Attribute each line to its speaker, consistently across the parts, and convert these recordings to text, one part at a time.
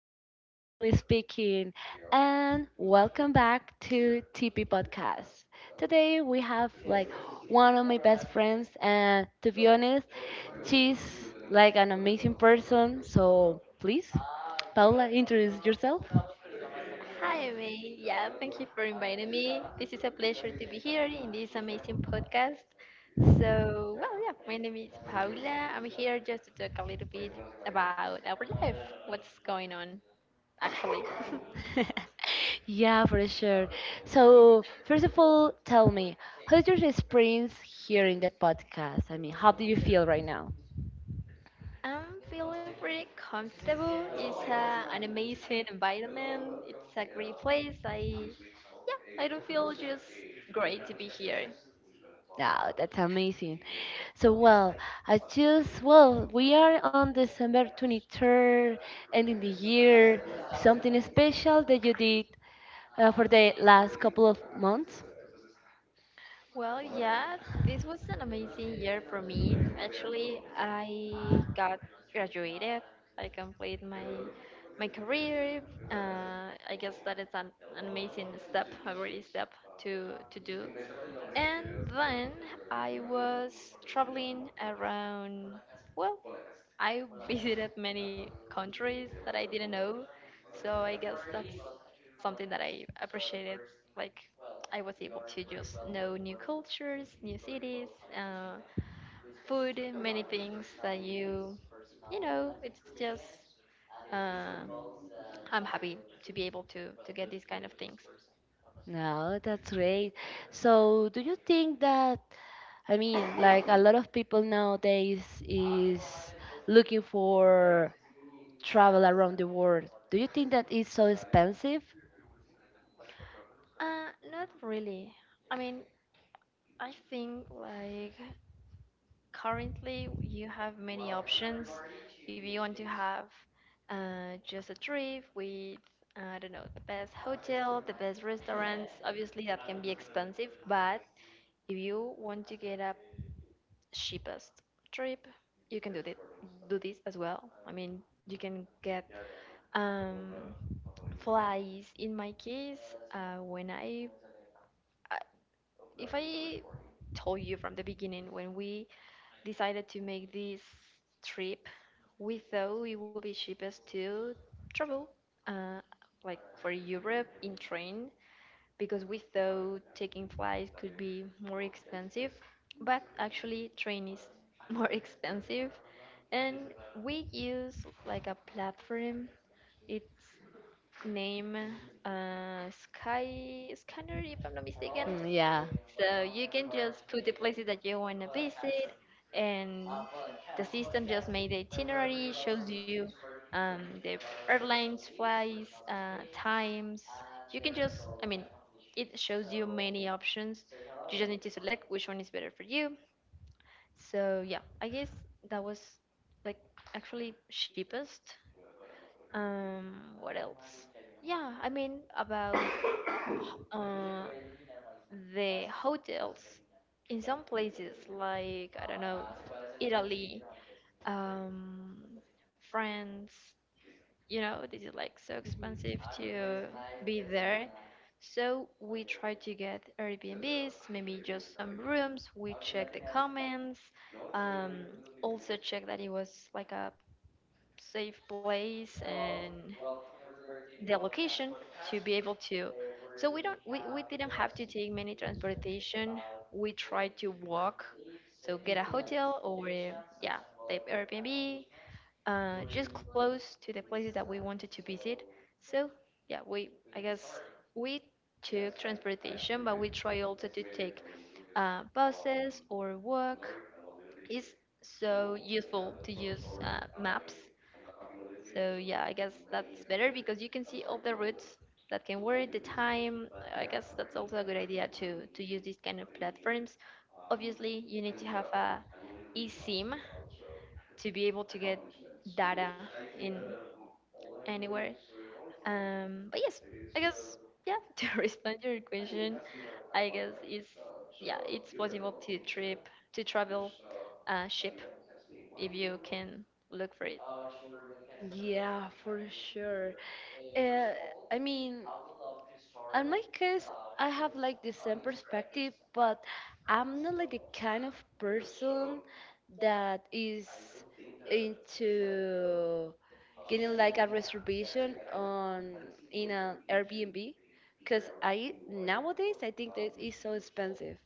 Speaker 1: This is Manly speaking, and welcome back to TP Podcast. Today we have one of my best friends, and to be honest, she's an amazing person. So please, Paula, introduce yourself.
Speaker 2: Hi, May. Yeah, thank you for inviting me. This is a pleasure to be here in this amazing podcast. So, well, yeah, my name is Paula. I'm here just to talk a little bit about our life, what's going on, actually.
Speaker 1: Yeah, for sure. So first of all, tell me, how's your experience here in the podcast? I mean, how do you feel right now?
Speaker 2: I'm feeling pretty comfortable. It's an amazing environment. It's a great place. I, yeah, I don't feel just great to be here.
Speaker 1: Oh, that's amazing. So, well, we are on December 23rd, ending the year. Something special that you did for the last couple of months?
Speaker 2: Well, yeah, this was an amazing year for me. Actually, I got graduated. I completed my career. I guess that is an amazing step, a great step to do. And then I was traveling around, well, I visited many countries that I didn't know, so I guess that's something that I appreciated. Like, I was able to just know new cultures, new cities, uh, food, many things that it's just, uh, I'm happy to be able to get these kind of things.
Speaker 1: No, that's great. So, do you think that, I mean, like a lot of people nowadays is looking for travel around the world. Do you think that it's so expensive?
Speaker 2: Not really. I mean, I think like currently you have many options if you want to have just a trip with I don't know, the best hotel, the best restaurants. Obviously that can be expensive, but if you want to get a cheapest trip, you can do this as well. I mean, you can get um flies. In my case, I- if I told you from the beginning, when we decided to make this trip, we thought it would be cheapest to travel, uh, like for Europe in train, because we thought taking flights could be more expensive. But actually, train is more expensive, and we use like a platform. It's name Sky Scanner, if I'm not mistaken.
Speaker 1: Mm, yeah.
Speaker 2: So you can just put the places that you want to visit, and the system just made the itinerary, shows you the airlines, flights, times. You can just, I mean, it shows you many options. You just need to select which one is better for you. So yeah, I guess that was like actually cheapest. Um, what else? Yeah, I mean, about uh, the hotels in some places like I don't know, Italy, um, France. You know, this is like so expensive to be there. So we try to get Airbnbs, maybe just some rooms. We check the comments. Um, Also check that it was like a safe place, and the location, to be able to, so we don't we didn't have to take many transportation. We tried to walk, so get a
Speaker 1: Mhm.
Speaker 2: hotel or yeah, the Airbnb, just close to the places that we wanted to visit. So yeah, we, I guess we took transportation, but we try also to take buses or walk. It's so useful to use maps, so yeah, I guess that's better because you can see all the routes that can work, the time. I guess that's also a good idea to use these kind of platforms. Obviously, you need to have a eSIM to be able to get data in anywhere. But yes, I guess yeah. To respond to your question, I guess is yeah, it's possible to trip to travel ship if you can look for it.
Speaker 1: Yeah, for sure. Uh, I mean, in my case, I have like the same perspective, but I'm not the kind of person that is into getting like a reservation on in an Airbnb, because I nowadays I think that is so expensive.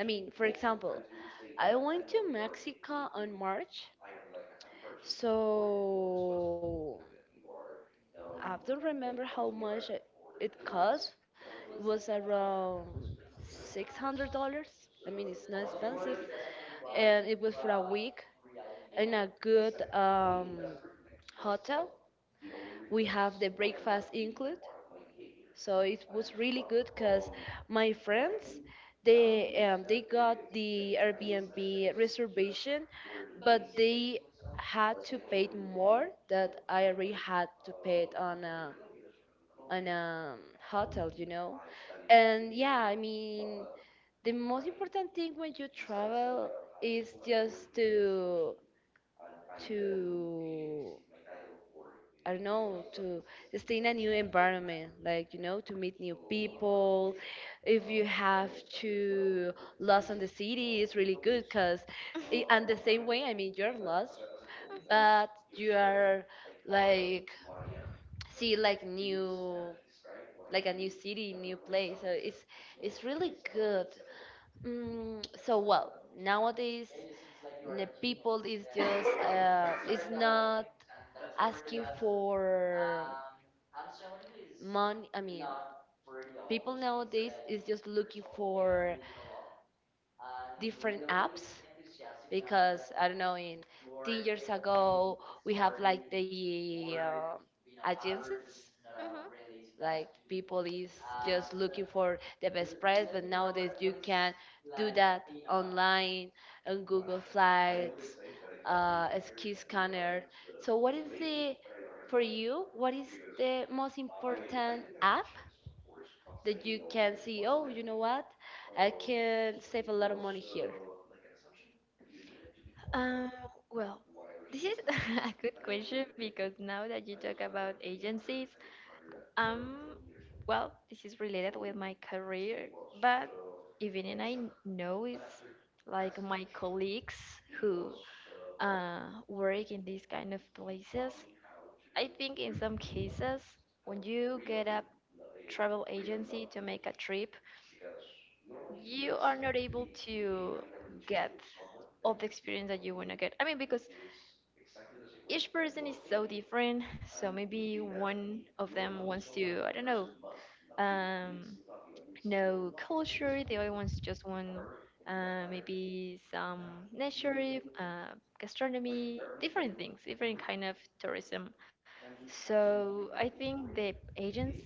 Speaker 1: I mean, for example, I went to Mexico on March, so. I don't remember how much it cost. It was around $600. I mean, it's not expensive, and it was for a week in a good hotel. We have the breakfast included, so it was really good because my friends they got the Airbnb reservation, but they had to pay more that I already had to pay it on a an hotel, you know. And yeah, I mean, the most important thing when you travel is just to I don't know to stay in a new environment, like you know, to meet new people. If you have to lost on the city, it's really good because, and the same way, I mean, you're lost, but you are like see like new like a new city, new place. So it's really good. Mm, so well, nowadays the people is just is not asking for money. I mean, people nowadays is just looking for different apps because I don't know in 10 years ago we have like the agencies. Like people is just looking for the best price, but nowadays you can do that online on Google Flights, as key scanner. So what is the for you? What is the most important app that you can see? Oh, you know what? I can save a lot of money here.
Speaker 2: Um, well, this is a good question because now that you talk about agencies, um, well, this is related with my career, but even and I know it's like my colleagues who work in these kind of places. I think in some cases, when you get a travel agency to make a trip, you are not able to get all the experience that you want to get. I mean, because each person is so different. So maybe one of them wants to, I don't um, know culture. The other ones just want maybe some nature, gastronomy, different things, different kind of tourism. So I think the agents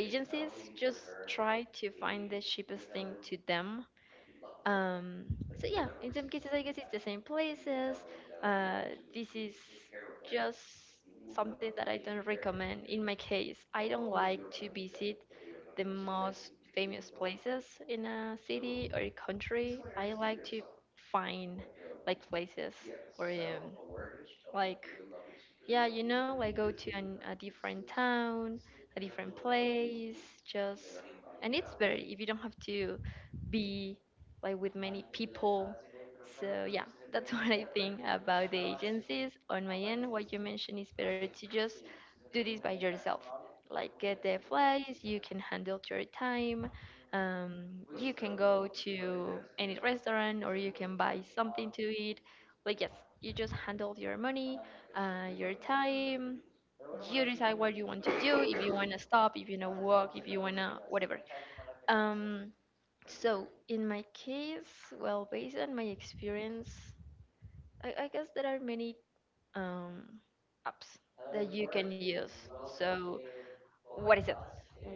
Speaker 2: agencies just try to find the cheapest thing to them, um, so yeah, in some cases, I guess it's the same places. Uh, this is just something that I don't recommend. In my case, I don't
Speaker 1: Hmm.
Speaker 2: like to visit the most famous places in a city or a country. I like to find like places or like yeah, you know, like go to a different town, a different place, just, and it's better if you don't have to be like with many people. So yeah, that's what I think about the agencies. On my end, what you mentioned is better to just do this by yourself. Like get the flights, you can handle your time. You can go to any restaurant or you can buy something to eat, but yes, you just handle your money, your time. You decide what you want to do, if you want to stop, if you want to walk, if you want to whatever. Um, so in my case, well, based on my experience, I guess there are many um, apps that you can use. So, what is it?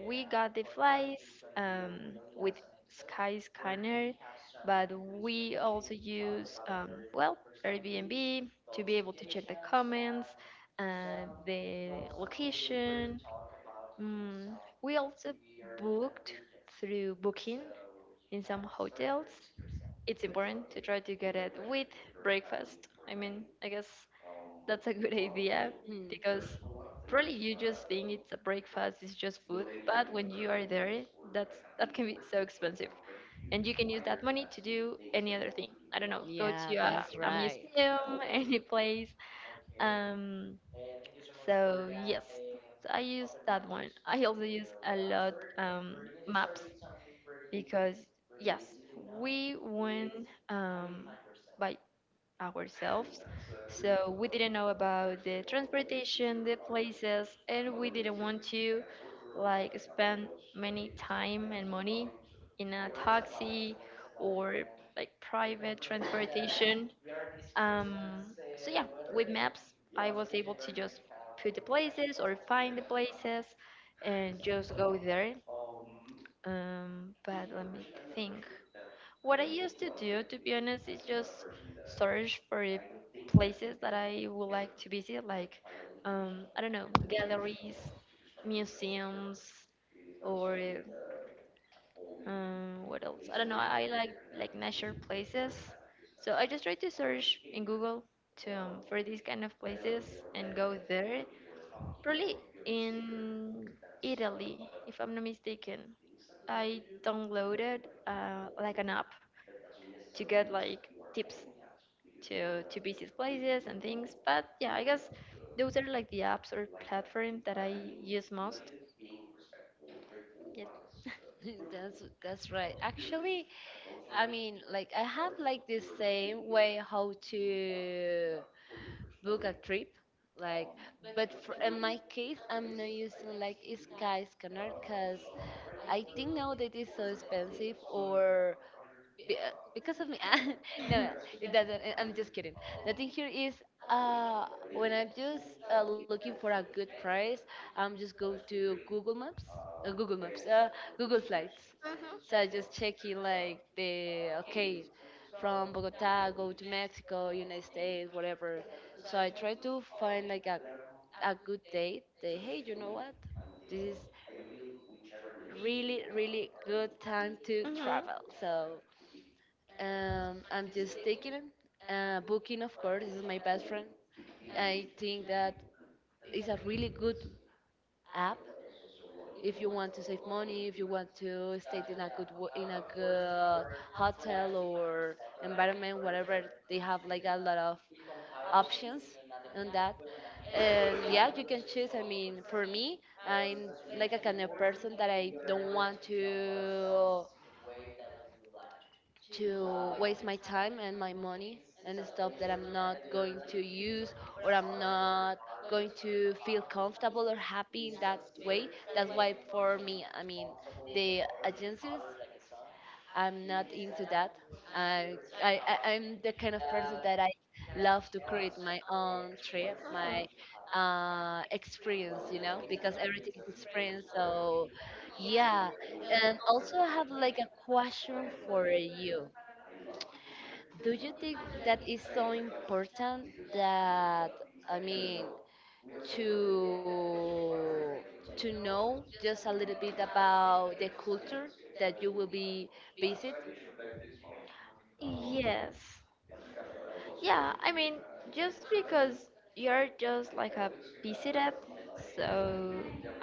Speaker 2: We got the flies with Sky Scanner, but we also use, well, Airbnb to be able to check the comments, the location. Mm, we also booked through Booking in some hotels. It's important to try to get it with breakfast. I mean, I guess that's a good idea,
Speaker 1: Hmm.
Speaker 2: because probably you just think it's a breakfast, it's just food, but when you are there, that can be so expensive. And you can use that money to do any other thing. I don't know, go
Speaker 1: Yeah,
Speaker 2: to
Speaker 1: that's
Speaker 2: a
Speaker 1: right.
Speaker 2: museum, any place. Um, so yes, I use that one. I also use a lot maps, because yes, we went um, by ourselves. So we didn't know about the transportation, the places, and we didn't want to like spend many time and money in a taxi or like private transportation. Um, so yeah, with maps, I was able to just put the places or find the places and just go there. But let me think. What I used to do, to be honest, is just search for places that I would like to visit, like, I don't know, galleries, museums, or what else? I don't know. I like nature places, so I just try to search in Google to for these kind of places and go there. Probably in Italy, if I'm not mistaken, I downloaded like an app to get like tips to visit places and things. But yeah, I guess those are like the apps or platforms that I use most. Yes.
Speaker 1: That's right. Actually, I mean, I have like this same way how to book a trip, like, but for in my case, I'm not using like a Skyscanner because I think now that it's so expensive or be, because of me. No, no, it doesn't. I'm just kidding. The thing here is, uh, when I'm just looking for a good price, I'm just go to Google Maps, uh, Google Flights. So I just checking like the okay, from Bogota go to Mexico, United States, whatever. So I try to find like a good date. They hey, you know what? This is really really good time to
Speaker 2: Hmm hmm.
Speaker 1: travel. So I'm just taking it. Booking, of course, is my best friend. I think that is a really good app if you want to save money, if you want to stay in a good in a good hotel or environment, whatever. They have like a lot of options on that. And yeah, you can choose. I mean, for me, I'm like a kind of person that I don't want to waste my time and my money and stuff that I'm not going to use or I'm not going to feel comfortable or happy in that way. That's why for me, I mean, the agencies, I'm not into that. I'm the kind of person that I love to create my own trip, my experience, you know, because everything is experience. So, yeah. And also, I have like a question for you, do you think that is so important that I mean to know just a little bit about the culture that you will be visit?
Speaker 2: Yes. Yeah, I mean, just because you're just like a busy dev, so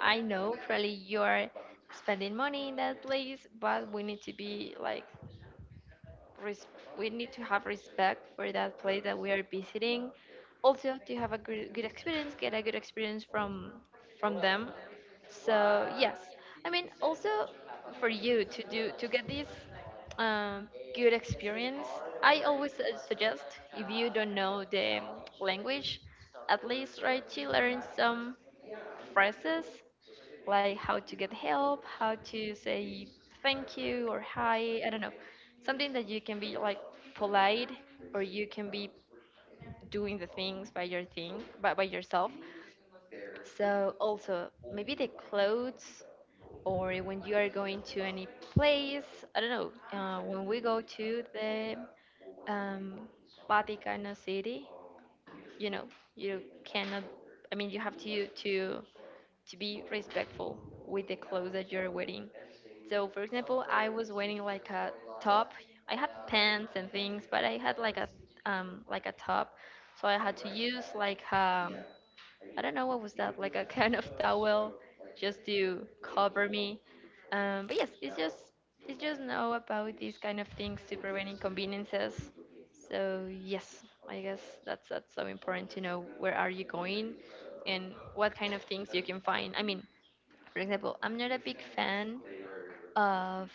Speaker 2: I know probably you're spending money in that place, but we need to be like res- we need to have respect for that place that we are visiting. Also, to have a good, good experience, get a good experience from them. So yes, I mean, also for you to get this um, good experience, I always suggest if you don't know the language, at least try to learn some phrases, like how to get help, how to say thank you or hi, I don't know. Something that you can be like polite, or you can be doing the things by your thing, by yourself. So also maybe the clothes or when you are going to any place, I don't know, when we go to the um, Vaticano City, you know, you cannot, I mean, you have to to be respectful with the clothes that you're wearing. So, for example, I was wearing like a top. I had pants and things, but I had like a top. So I had to use like um, I don't know what was that, like a kind of towel just to cover me. But yes, it's just, it's just know about these kind of things to prevent inconveniences. So yes, I guess that's so important to know where are you going and what kind of things you can find. I mean, for example, I'm not a big fan of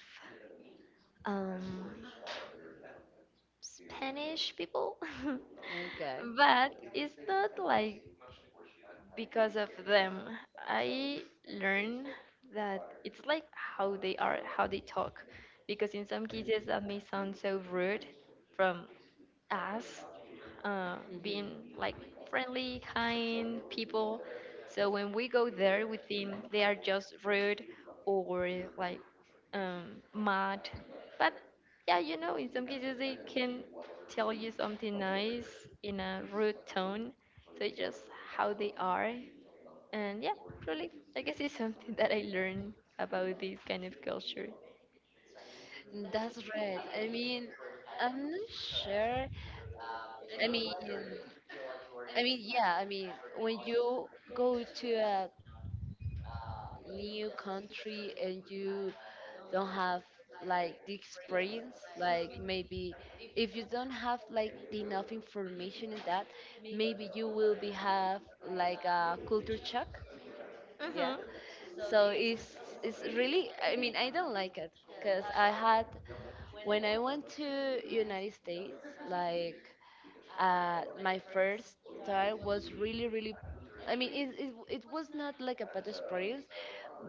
Speaker 2: um, Spanish people,
Speaker 1: Okay.
Speaker 2: but it's not like because of them. I learn that it's like how they are, how they talk, because in some cases that may sound so rude from us
Speaker 1: Hmm.
Speaker 2: being like friendly, kind people. So when we go there, we think they are just rude or like mad. But yeah, you know, in some cases they can tell you something nice in a rude tone. So it's just how they are. And yeah, really, I guess it's something that I learned about this kind of culture.
Speaker 1: That's right. I mean, I'm not sure. I mean, I mean, yeah. I mean, when you go to a new country and you don't have like the experience like maybe if you don't have like enough information in that, maybe you will be have like a culture shock. Yeah,
Speaker 2: Mm-hmm.
Speaker 1: so it's really, I mean, I don't like it because I had when I went to United States, like, my first time was really really, I mean it was not like a bad experience,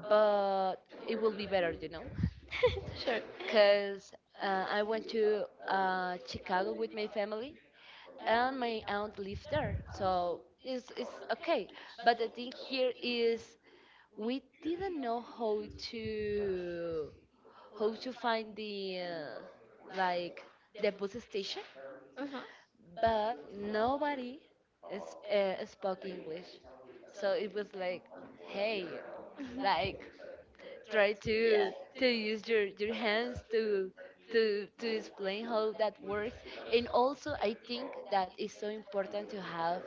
Speaker 1: but it will be better, you know,
Speaker 2: Sure.
Speaker 1: because I went to Chicago with my family, and my aunt lived there, so it's okay. But the thing here is we didn't know to how to find the like the bus station,
Speaker 2: Mm-hmm.
Speaker 1: but nobody is, spoke English, so it was like, hey, like try to
Speaker 2: Yeah.
Speaker 1: use your hands to to explain how that works. And also, I think that it's so important to have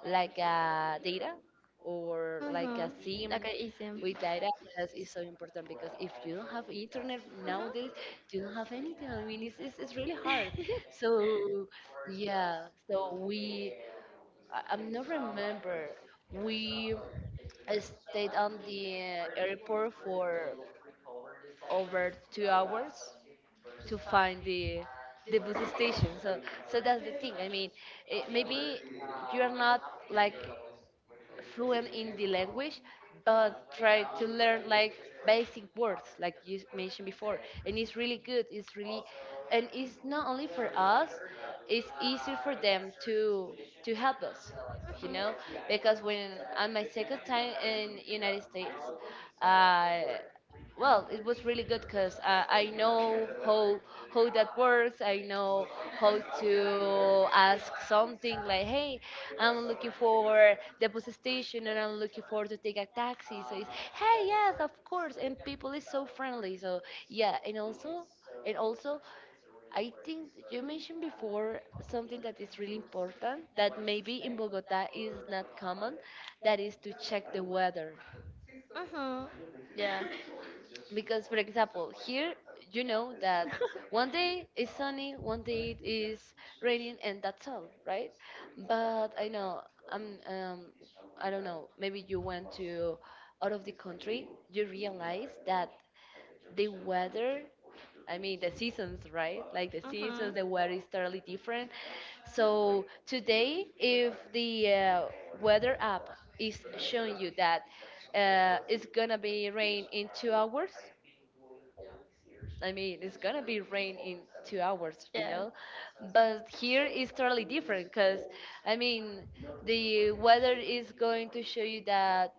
Speaker 1: like a data or like a
Speaker 2: Mm-hmm.
Speaker 1: sim
Speaker 2: Like a ism.
Speaker 1: with data. That is so important, because if you don't have internet
Speaker 2: Mm-hmm.
Speaker 1: nowadays, you don't have anything. I mean, it's really hard. So yeah, so I'm not remember we I stayed on the airport for over 2 hours to find the bus station. So so that's the thing. I mean, maybe you're not like fluent in the language, but try to learn like basic words, like you mentioned before. And it's really good. And it's not only for us. It's easier for them to help us, you know,
Speaker 2: Mm-hmm.
Speaker 1: because when on my second time in United States, uh, well, it was really good because I know how that works. I know how to ask something like, "Hey, I'm looking for the bus station and I'm looking for to take a taxi." So it's, hey, yes, of course. And people is so friendly. So yeah, and also, I think you mentioned before something that is really important that maybe in Bogota is not common, that is to check the weather.
Speaker 2: Mm-hmm. Yeah.
Speaker 1: Because for example here, you know that one day is sunny, one day it is raining, and that's all right. But I know i'm um I don't know, maybe you went to out of the country, you realize that the weather, I mean the seasons, right? Like the
Speaker 2: Mm-hmm. Yeah. Mm-hmm.
Speaker 1: seasons, the weather is totally different. So today, if the weather app is showing you that it's gonna be rain in 2 hours, I mean, it's gonna be rain in 2 hours, you know? But here it's totally different because, I mean, the weather is going to show you that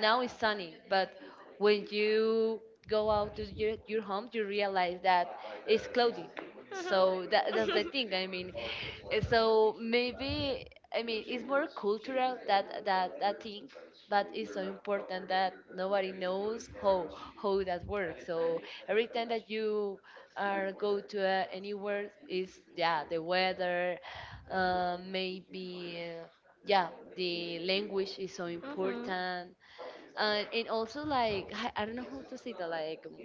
Speaker 1: now it's sunny, but when you go out to your home, you realize that it's cloudy. So that's the thing. I mean, so maybe I mean it's more cultural that that thing, but it's so important that nobody knows how that works. So every time that you are go to anywhere is yeah the weather, maybe yeah the language is so important, and also like I don't know how to say that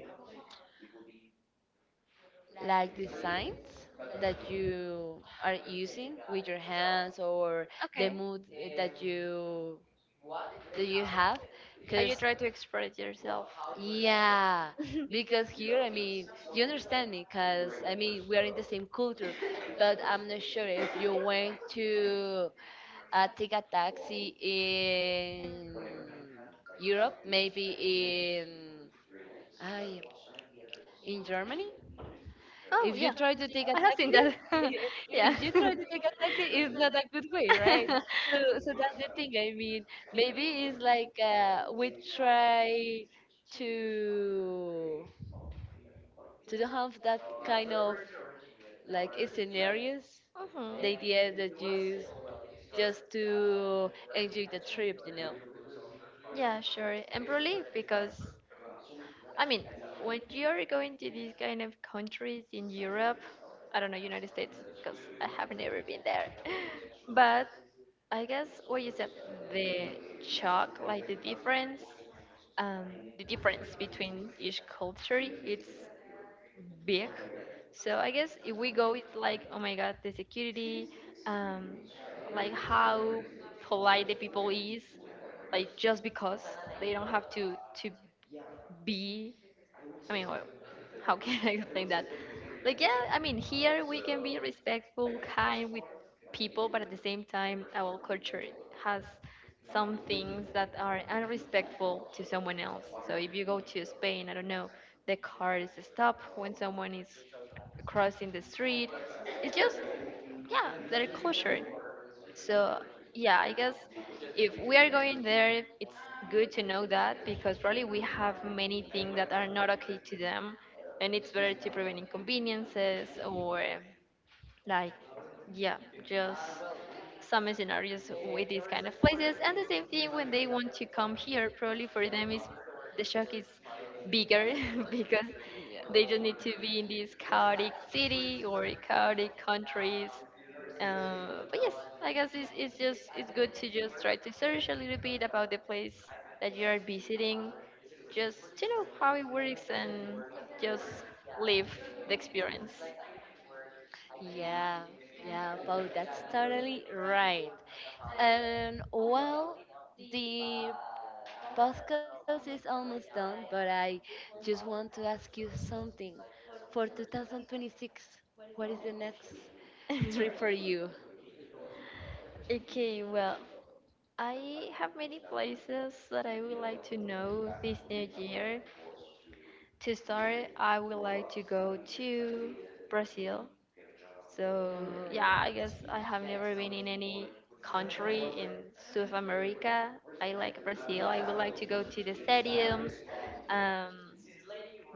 Speaker 1: like the signs that you are using with your hands or the
Speaker 2: Okay.
Speaker 1: mood that you that you have
Speaker 2: How you
Speaker 1: because
Speaker 2: try to express yourself?
Speaker 1: yeah, because here I mean, you understand me because I mean we are in the same culture, but I'm not sure if you went to take a taxi in Europe, maybe in I, in Germany.
Speaker 2: Oh
Speaker 1: If you
Speaker 2: yeah,
Speaker 1: try to take a
Speaker 2: I have seen
Speaker 1: taxi,
Speaker 2: that. Yeah.
Speaker 1: if you try to take a taxi, it's not a good way, right? So, so that's the thing. I mean, maybe it's like we try to don't have that kind of like scenarios.
Speaker 2: Mhm.
Speaker 1: The idea is that just to enjoy the trip, you know.
Speaker 2: Yeah, sure. And probably because, I mean, when you're going to these kind of countries in Europe, I don't know, United States, because I have never been there. But I guess what you said, the shock, like the difference between each culture, it's big. So I guess if we go with like, oh my God, the security, um, like how polite the people is, like just because they don't have to be I mean, well, how can I explain that? Like, yeah, here we can be respectful, kind with people, but at the same time, our culture has some things that are unrespectful to someone else. So if you go to Spain, I don't know, the cars stop when someone is crossing the street. It's just, yeah, their culture. So yeah, I guess if we are going there, it's good to know that because probably we have many things that are not okay to them, and it's better to prevent inconveniences or like yeah, just some scenarios with these kind of places. And the same thing when they want to come here, probably for them is the shock is bigger because
Speaker 1: Yeah.
Speaker 2: they just need to be in this chaotic city or chaotic countries. But yes, I guess it's just it's good to just try to search a little bit about the place that you are visiting, just to know how it works and just live the experience.
Speaker 1: Yeah, yeah, Paul, that's totally right. And well, the podcast is almost done, but I just want to ask you something. For 2026, what is the next trip for you?
Speaker 2: Okay, well, I have many places that I would like to know this new year. To start, I would like to go to Brazil. So yeah, I guess
Speaker 1: Oh.
Speaker 2: I have never been in any country in South America. I like Brazil. I would like to go to the stadiums, um,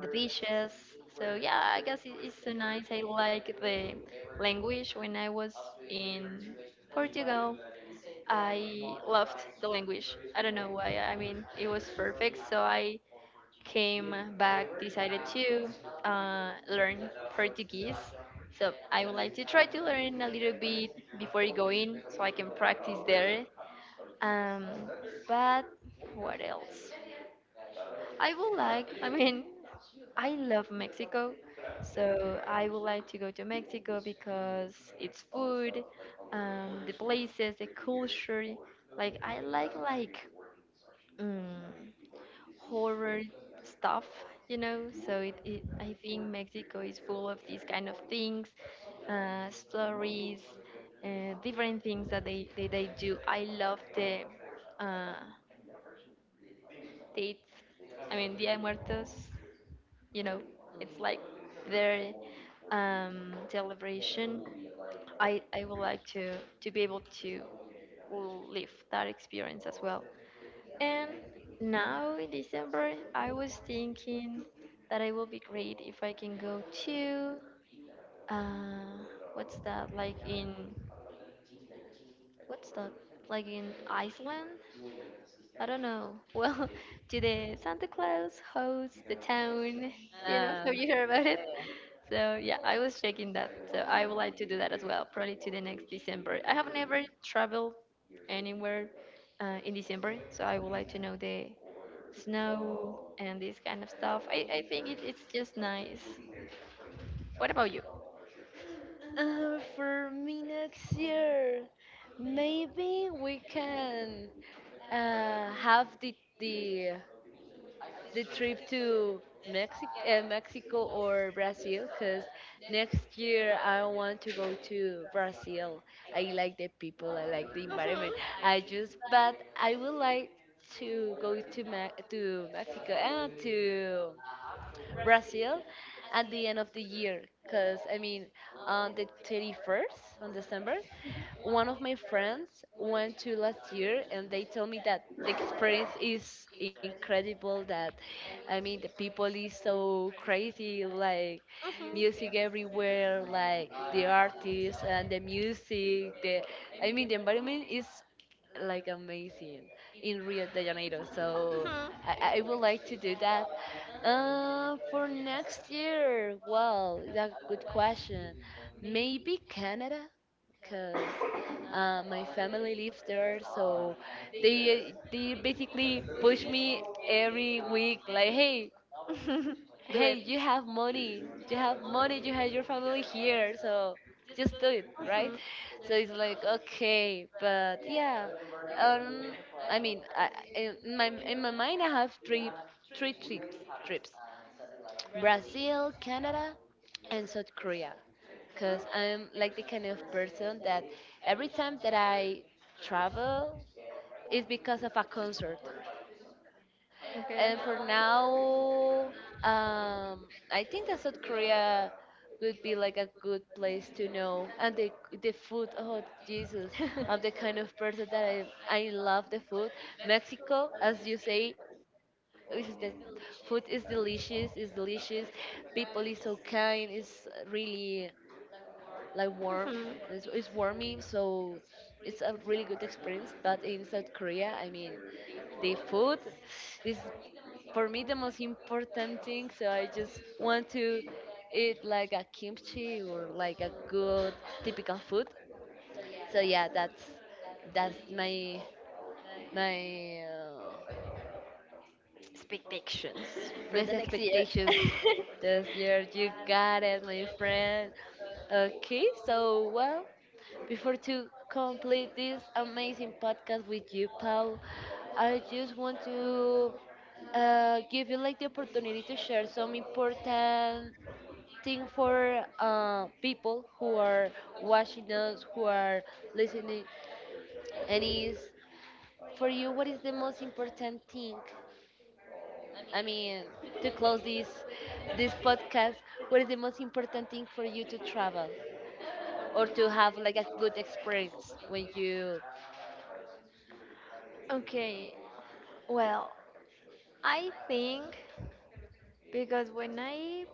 Speaker 2: the beaches. So yeah, I guess it's so nice. I like the language. When I was in Portugal, I loved the language. I don't know why. It was perfect. So I came back, decided to learn Portuguese. So I would like to try to learn a little bit before going, so I can practice there. Um, but what else? I would like. I mean, I love Mexico, so I would like to go to Mexico because its food, the places, the culture. Like I like like. Mm horror stuff, you know. So I think Mexico is full of these kind of things, stories, different things that they do. I love the uh, dates. I mean, Dia de Muertos. You know, it's like
Speaker 1: Mm.
Speaker 2: their celebration. I would like to be able to live that experience as well. And now in December, I was thinking that it will be great if I can go to uh, what's that? Like in what's that? Like in Iceland? I don't know. Well, to the Santa Claus host the town. You know,
Speaker 1: Ah,
Speaker 2: have you
Speaker 1: okay.
Speaker 2: heard about it? So yeah, I was checking that. So I would like to do that as well, probably to the next December. I have never traveled anywhere in December, so I would like to know the snow and this kind of stuff. I think it's just nice. What about you?
Speaker 1: For me next year, maybe we can have the the trip to Mexico, Mexico or Brazil, because next year I want to go to Brazil. I like the people, I like the environment. I just, but I would like to go to to Mexico and to Brazil at the end of the year. Because, I mean, on the 31st, on December, one of my friends went to last year and they told me that the experience is incredible. That, I mean, the people is so crazy, like music everywhere, like the artists and the music. The, I mean, the environment is like amazing in Rio de Janeiro. So I would like to do that. For next year, well, that's a good question. Maybe Canada, because my family lives there, so they basically push me every week, like, hey,
Speaker 2: Do
Speaker 1: hey,
Speaker 2: it.
Speaker 1: you have money. You have money. You have your family here, so just do it, right?
Speaker 2: Mhm.
Speaker 1: So it's like okay, but yeah, um, I mean, I- in my mind, I have three trips: Brazil, Canada, and South Korea. Cause I'm like the kind of person that every time that I travel is because of a concert.
Speaker 2: Okay.
Speaker 1: And for now, um, I think that South Korea would be like a good place to know. And the food, oh Jesus, I'm the kind of person that I love the food. Mexico, as you say, is the food is delicious, is delicious. People is so kind, is really like warm.
Speaker 2: Mhm.
Speaker 1: It's warming, so it's a really good experience. But in South Korea, I mean, the food is for me the most important thing. So I just want to eat like a kimchi or like a good typical food. So yeah, that's my my
Speaker 2: Expectations
Speaker 1: Miss
Speaker 2: for the next year?
Speaker 1: expectations this year. You got it, my friend. Okay, so well, before to complete this amazing podcast with you, Paul, I just want to give you like the opportunity to share some important thing for people who are watching us, who are listening, and is for you, what is the most important thing, I mean, to close this podcast, what is the most important thing for you to travel or to have like a good experience when you
Speaker 2: Okay, well, I think because when I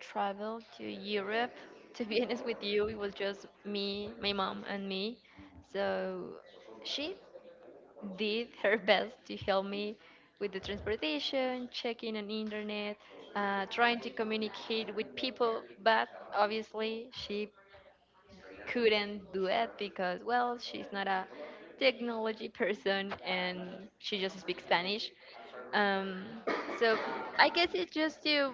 Speaker 2: traveled to Europe, to be honest with you, it was just me, my mom, and me. So she did her best to help me with the transportation, checking on internet, trying to communicate with people. But obviously, she couldn't do it because, well, she's not a technology person and she just speaks Spanish. Um, so I guess it's just to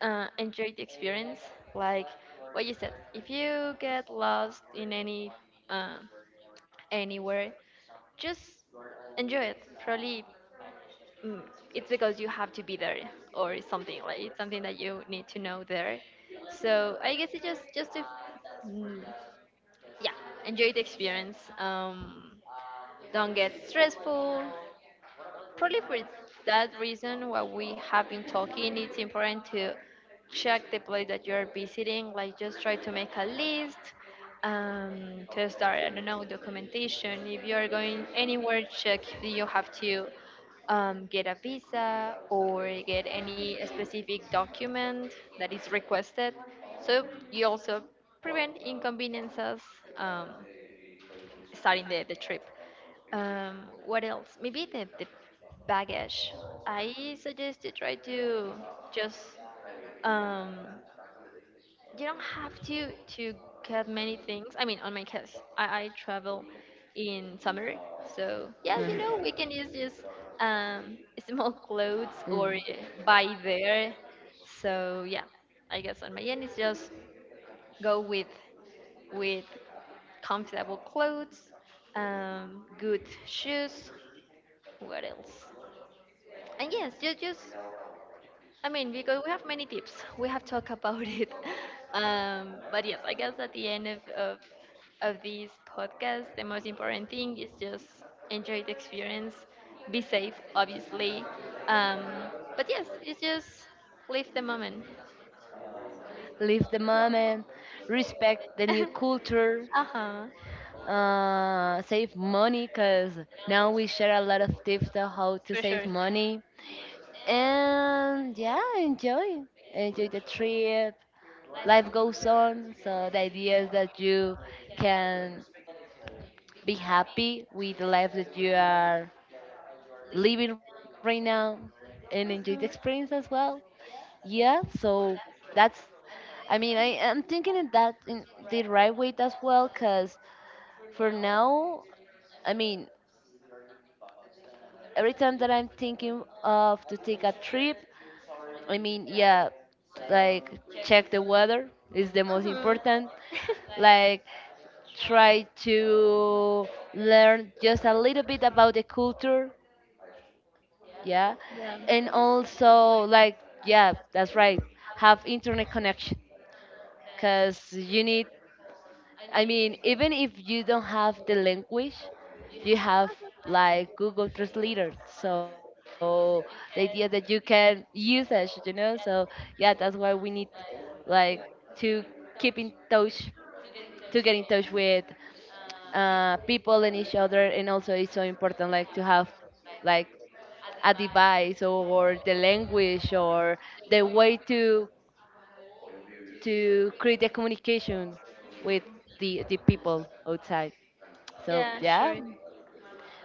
Speaker 2: enjoy the experience. Like what you said, if you get lost in any uh, anywhere just enjoy it. Probably mm, it's because you have to be there or something like it's something that you need to know there. So I guess it's just to mm, yeah enjoy the experience. Don't get stressful. Probably for that reason, what we have been talking, it's important to check the place that you're visiting. Like, just try to make a list, to start, I don't know, documentation. If you're going anywhere, check if you have to get a visa or get any specific document that is requested. So you also prevent inconveniences. Um, Starting the trip. What else? Maybe the baggage. I suggest to try to just um, you don't have to get many things. I mean, on my case, I travel in summer, so yeah,
Speaker 1: uh
Speaker 2: you know, we can use just um, small clothes or buy there. So yeah, I guess on my end, it's just go with comfortable clothes, good shoes. What else? And yes, just I mean, because we have many tips, we have talked about it. But yes, I guess at the end of this podcast, the most important thing is just enjoy the experience, be safe, obviously. Um, but yes, it's just live the moment.
Speaker 1: live the moment, respect the new culture,
Speaker 2: Uh huh,
Speaker 1: save money because now we share a lot of tips on how to
Speaker 2: for
Speaker 1: save
Speaker 2: sure.
Speaker 1: money. And yeah, enjoy. Enjoy the trip. Life goes on. So the idea is that you can be happy with the life that you are living right now and enjoy the experience
Speaker 2: Hmm.
Speaker 1: as well. Yeah, so that's, I mean, I am thinking in that in the right way as well, cause for now, I mean, every time that I'm thinking of to take a trip, I mean, yeah, like check the weather is the most
Speaker 2: Hmm.
Speaker 1: important. Like try to learn just a little bit about the culture, yeah,
Speaker 2: Yeah.
Speaker 1: and also like yeah, that's right, have internet connection because you need, I mean, even if you don't have the language, you have like Google Translator. So the idea that you can use it, you know. So yeah, that's why we need like to keep in touch, to get in touch with people and each other, and also it's so important like to have like a device or the language or the way to create the communication with the people outside. So
Speaker 2: Yeah,
Speaker 1: yeah.
Speaker 2: sure.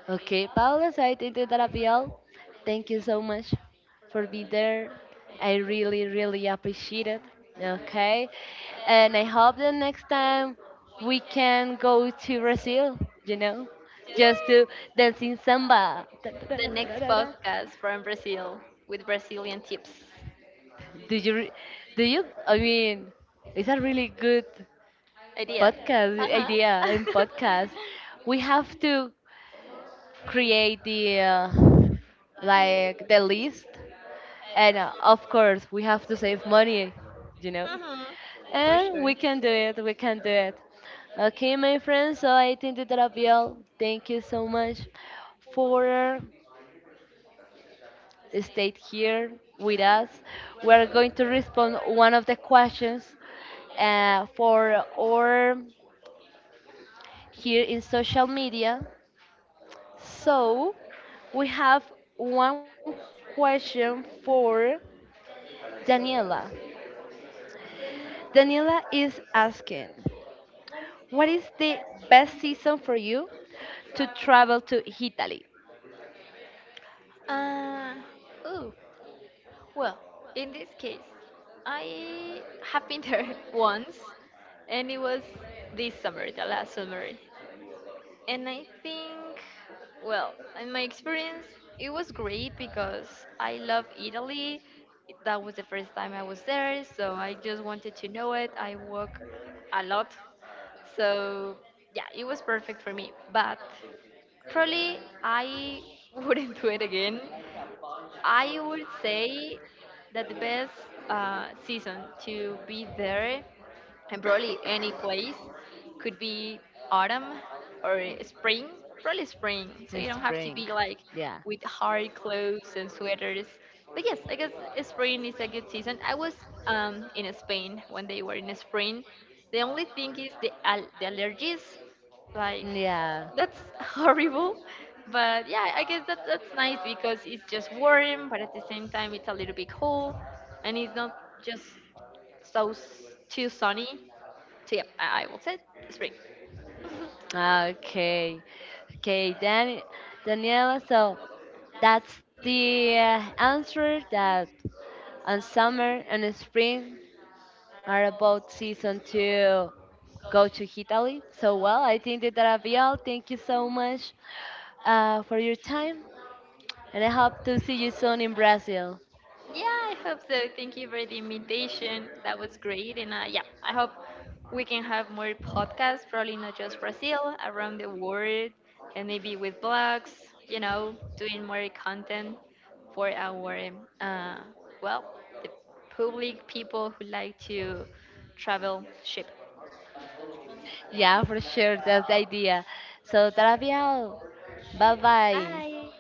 Speaker 1: Okay, Paula, so I think that that'll be all. Thank you so much for being there. I really, really appreciate it. Okay. And I hope the next time we can go to Brazil, you know, just to dance in samba. Da, da, da,
Speaker 2: The
Speaker 1: da, da,
Speaker 2: next
Speaker 1: da, da.
Speaker 2: podcast from Brazil with Brazilian tips.
Speaker 1: Do you, re- do you, I mean, it's a really good
Speaker 2: Idea.
Speaker 1: podcast
Speaker 2: Uh
Speaker 1: idea
Speaker 2: huh.
Speaker 1: and podcast. We have to create the like the list and of course we have to save money, you know,
Speaker 2: For
Speaker 1: and
Speaker 2: sure.
Speaker 1: we can do it, we can do it. Okay, my friends, so I think that that'll be all. Thank you so much for staying here with us. We are going to respond one of the questions for or here in social media. So we have one question for Daniela. Daniela is asking, what is the best season for you to travel to Italy?
Speaker 2: Uh, oh, well, in this case, I have been there once, and it was this summer, the last summer. And I think, well, in my experience, it was great because I love Italy. That was the first time I was there, so I just wanted to know it. I walk a lot, so yeah, it was perfect for me. But probably I wouldn't do it again. I would say that the best season to be there and probably any place could be autumn or spring, probably
Speaker 1: In
Speaker 2: spring, so you don't
Speaker 1: spring.
Speaker 2: have to be like
Speaker 1: Yeah.
Speaker 2: with hard clothes and sweaters. But yes, I guess spring is a good season. I was in Spain when they were in spring. The only thing is the allergies, like
Speaker 1: Yeah.
Speaker 2: that's horrible. But yeah, I guess that that's nice because it's just warm, but at the same time it's a little bit cold, and it's not just so s- too sunny. So yeah, I will say spring.
Speaker 1: Okay. Okay, Dan- Daniela, so that's the answer that on summer and spring are about season to go to Italy. So, well, I think that that'll be all. Thank you so much for your time. And I hope to see you soon in Brazil.
Speaker 2: Yeah, I hope so. Thank you for the invitation. That was great. And yeah, I hope we can have more podcasts, probably not just Brazil, around the world, and maybe with blogs, you know, doing more content for our, uh, well, the public people who like to travel ship.
Speaker 1: Yeah, for sure. That's the idea. So, Travial, bye bye.
Speaker 2: Bye.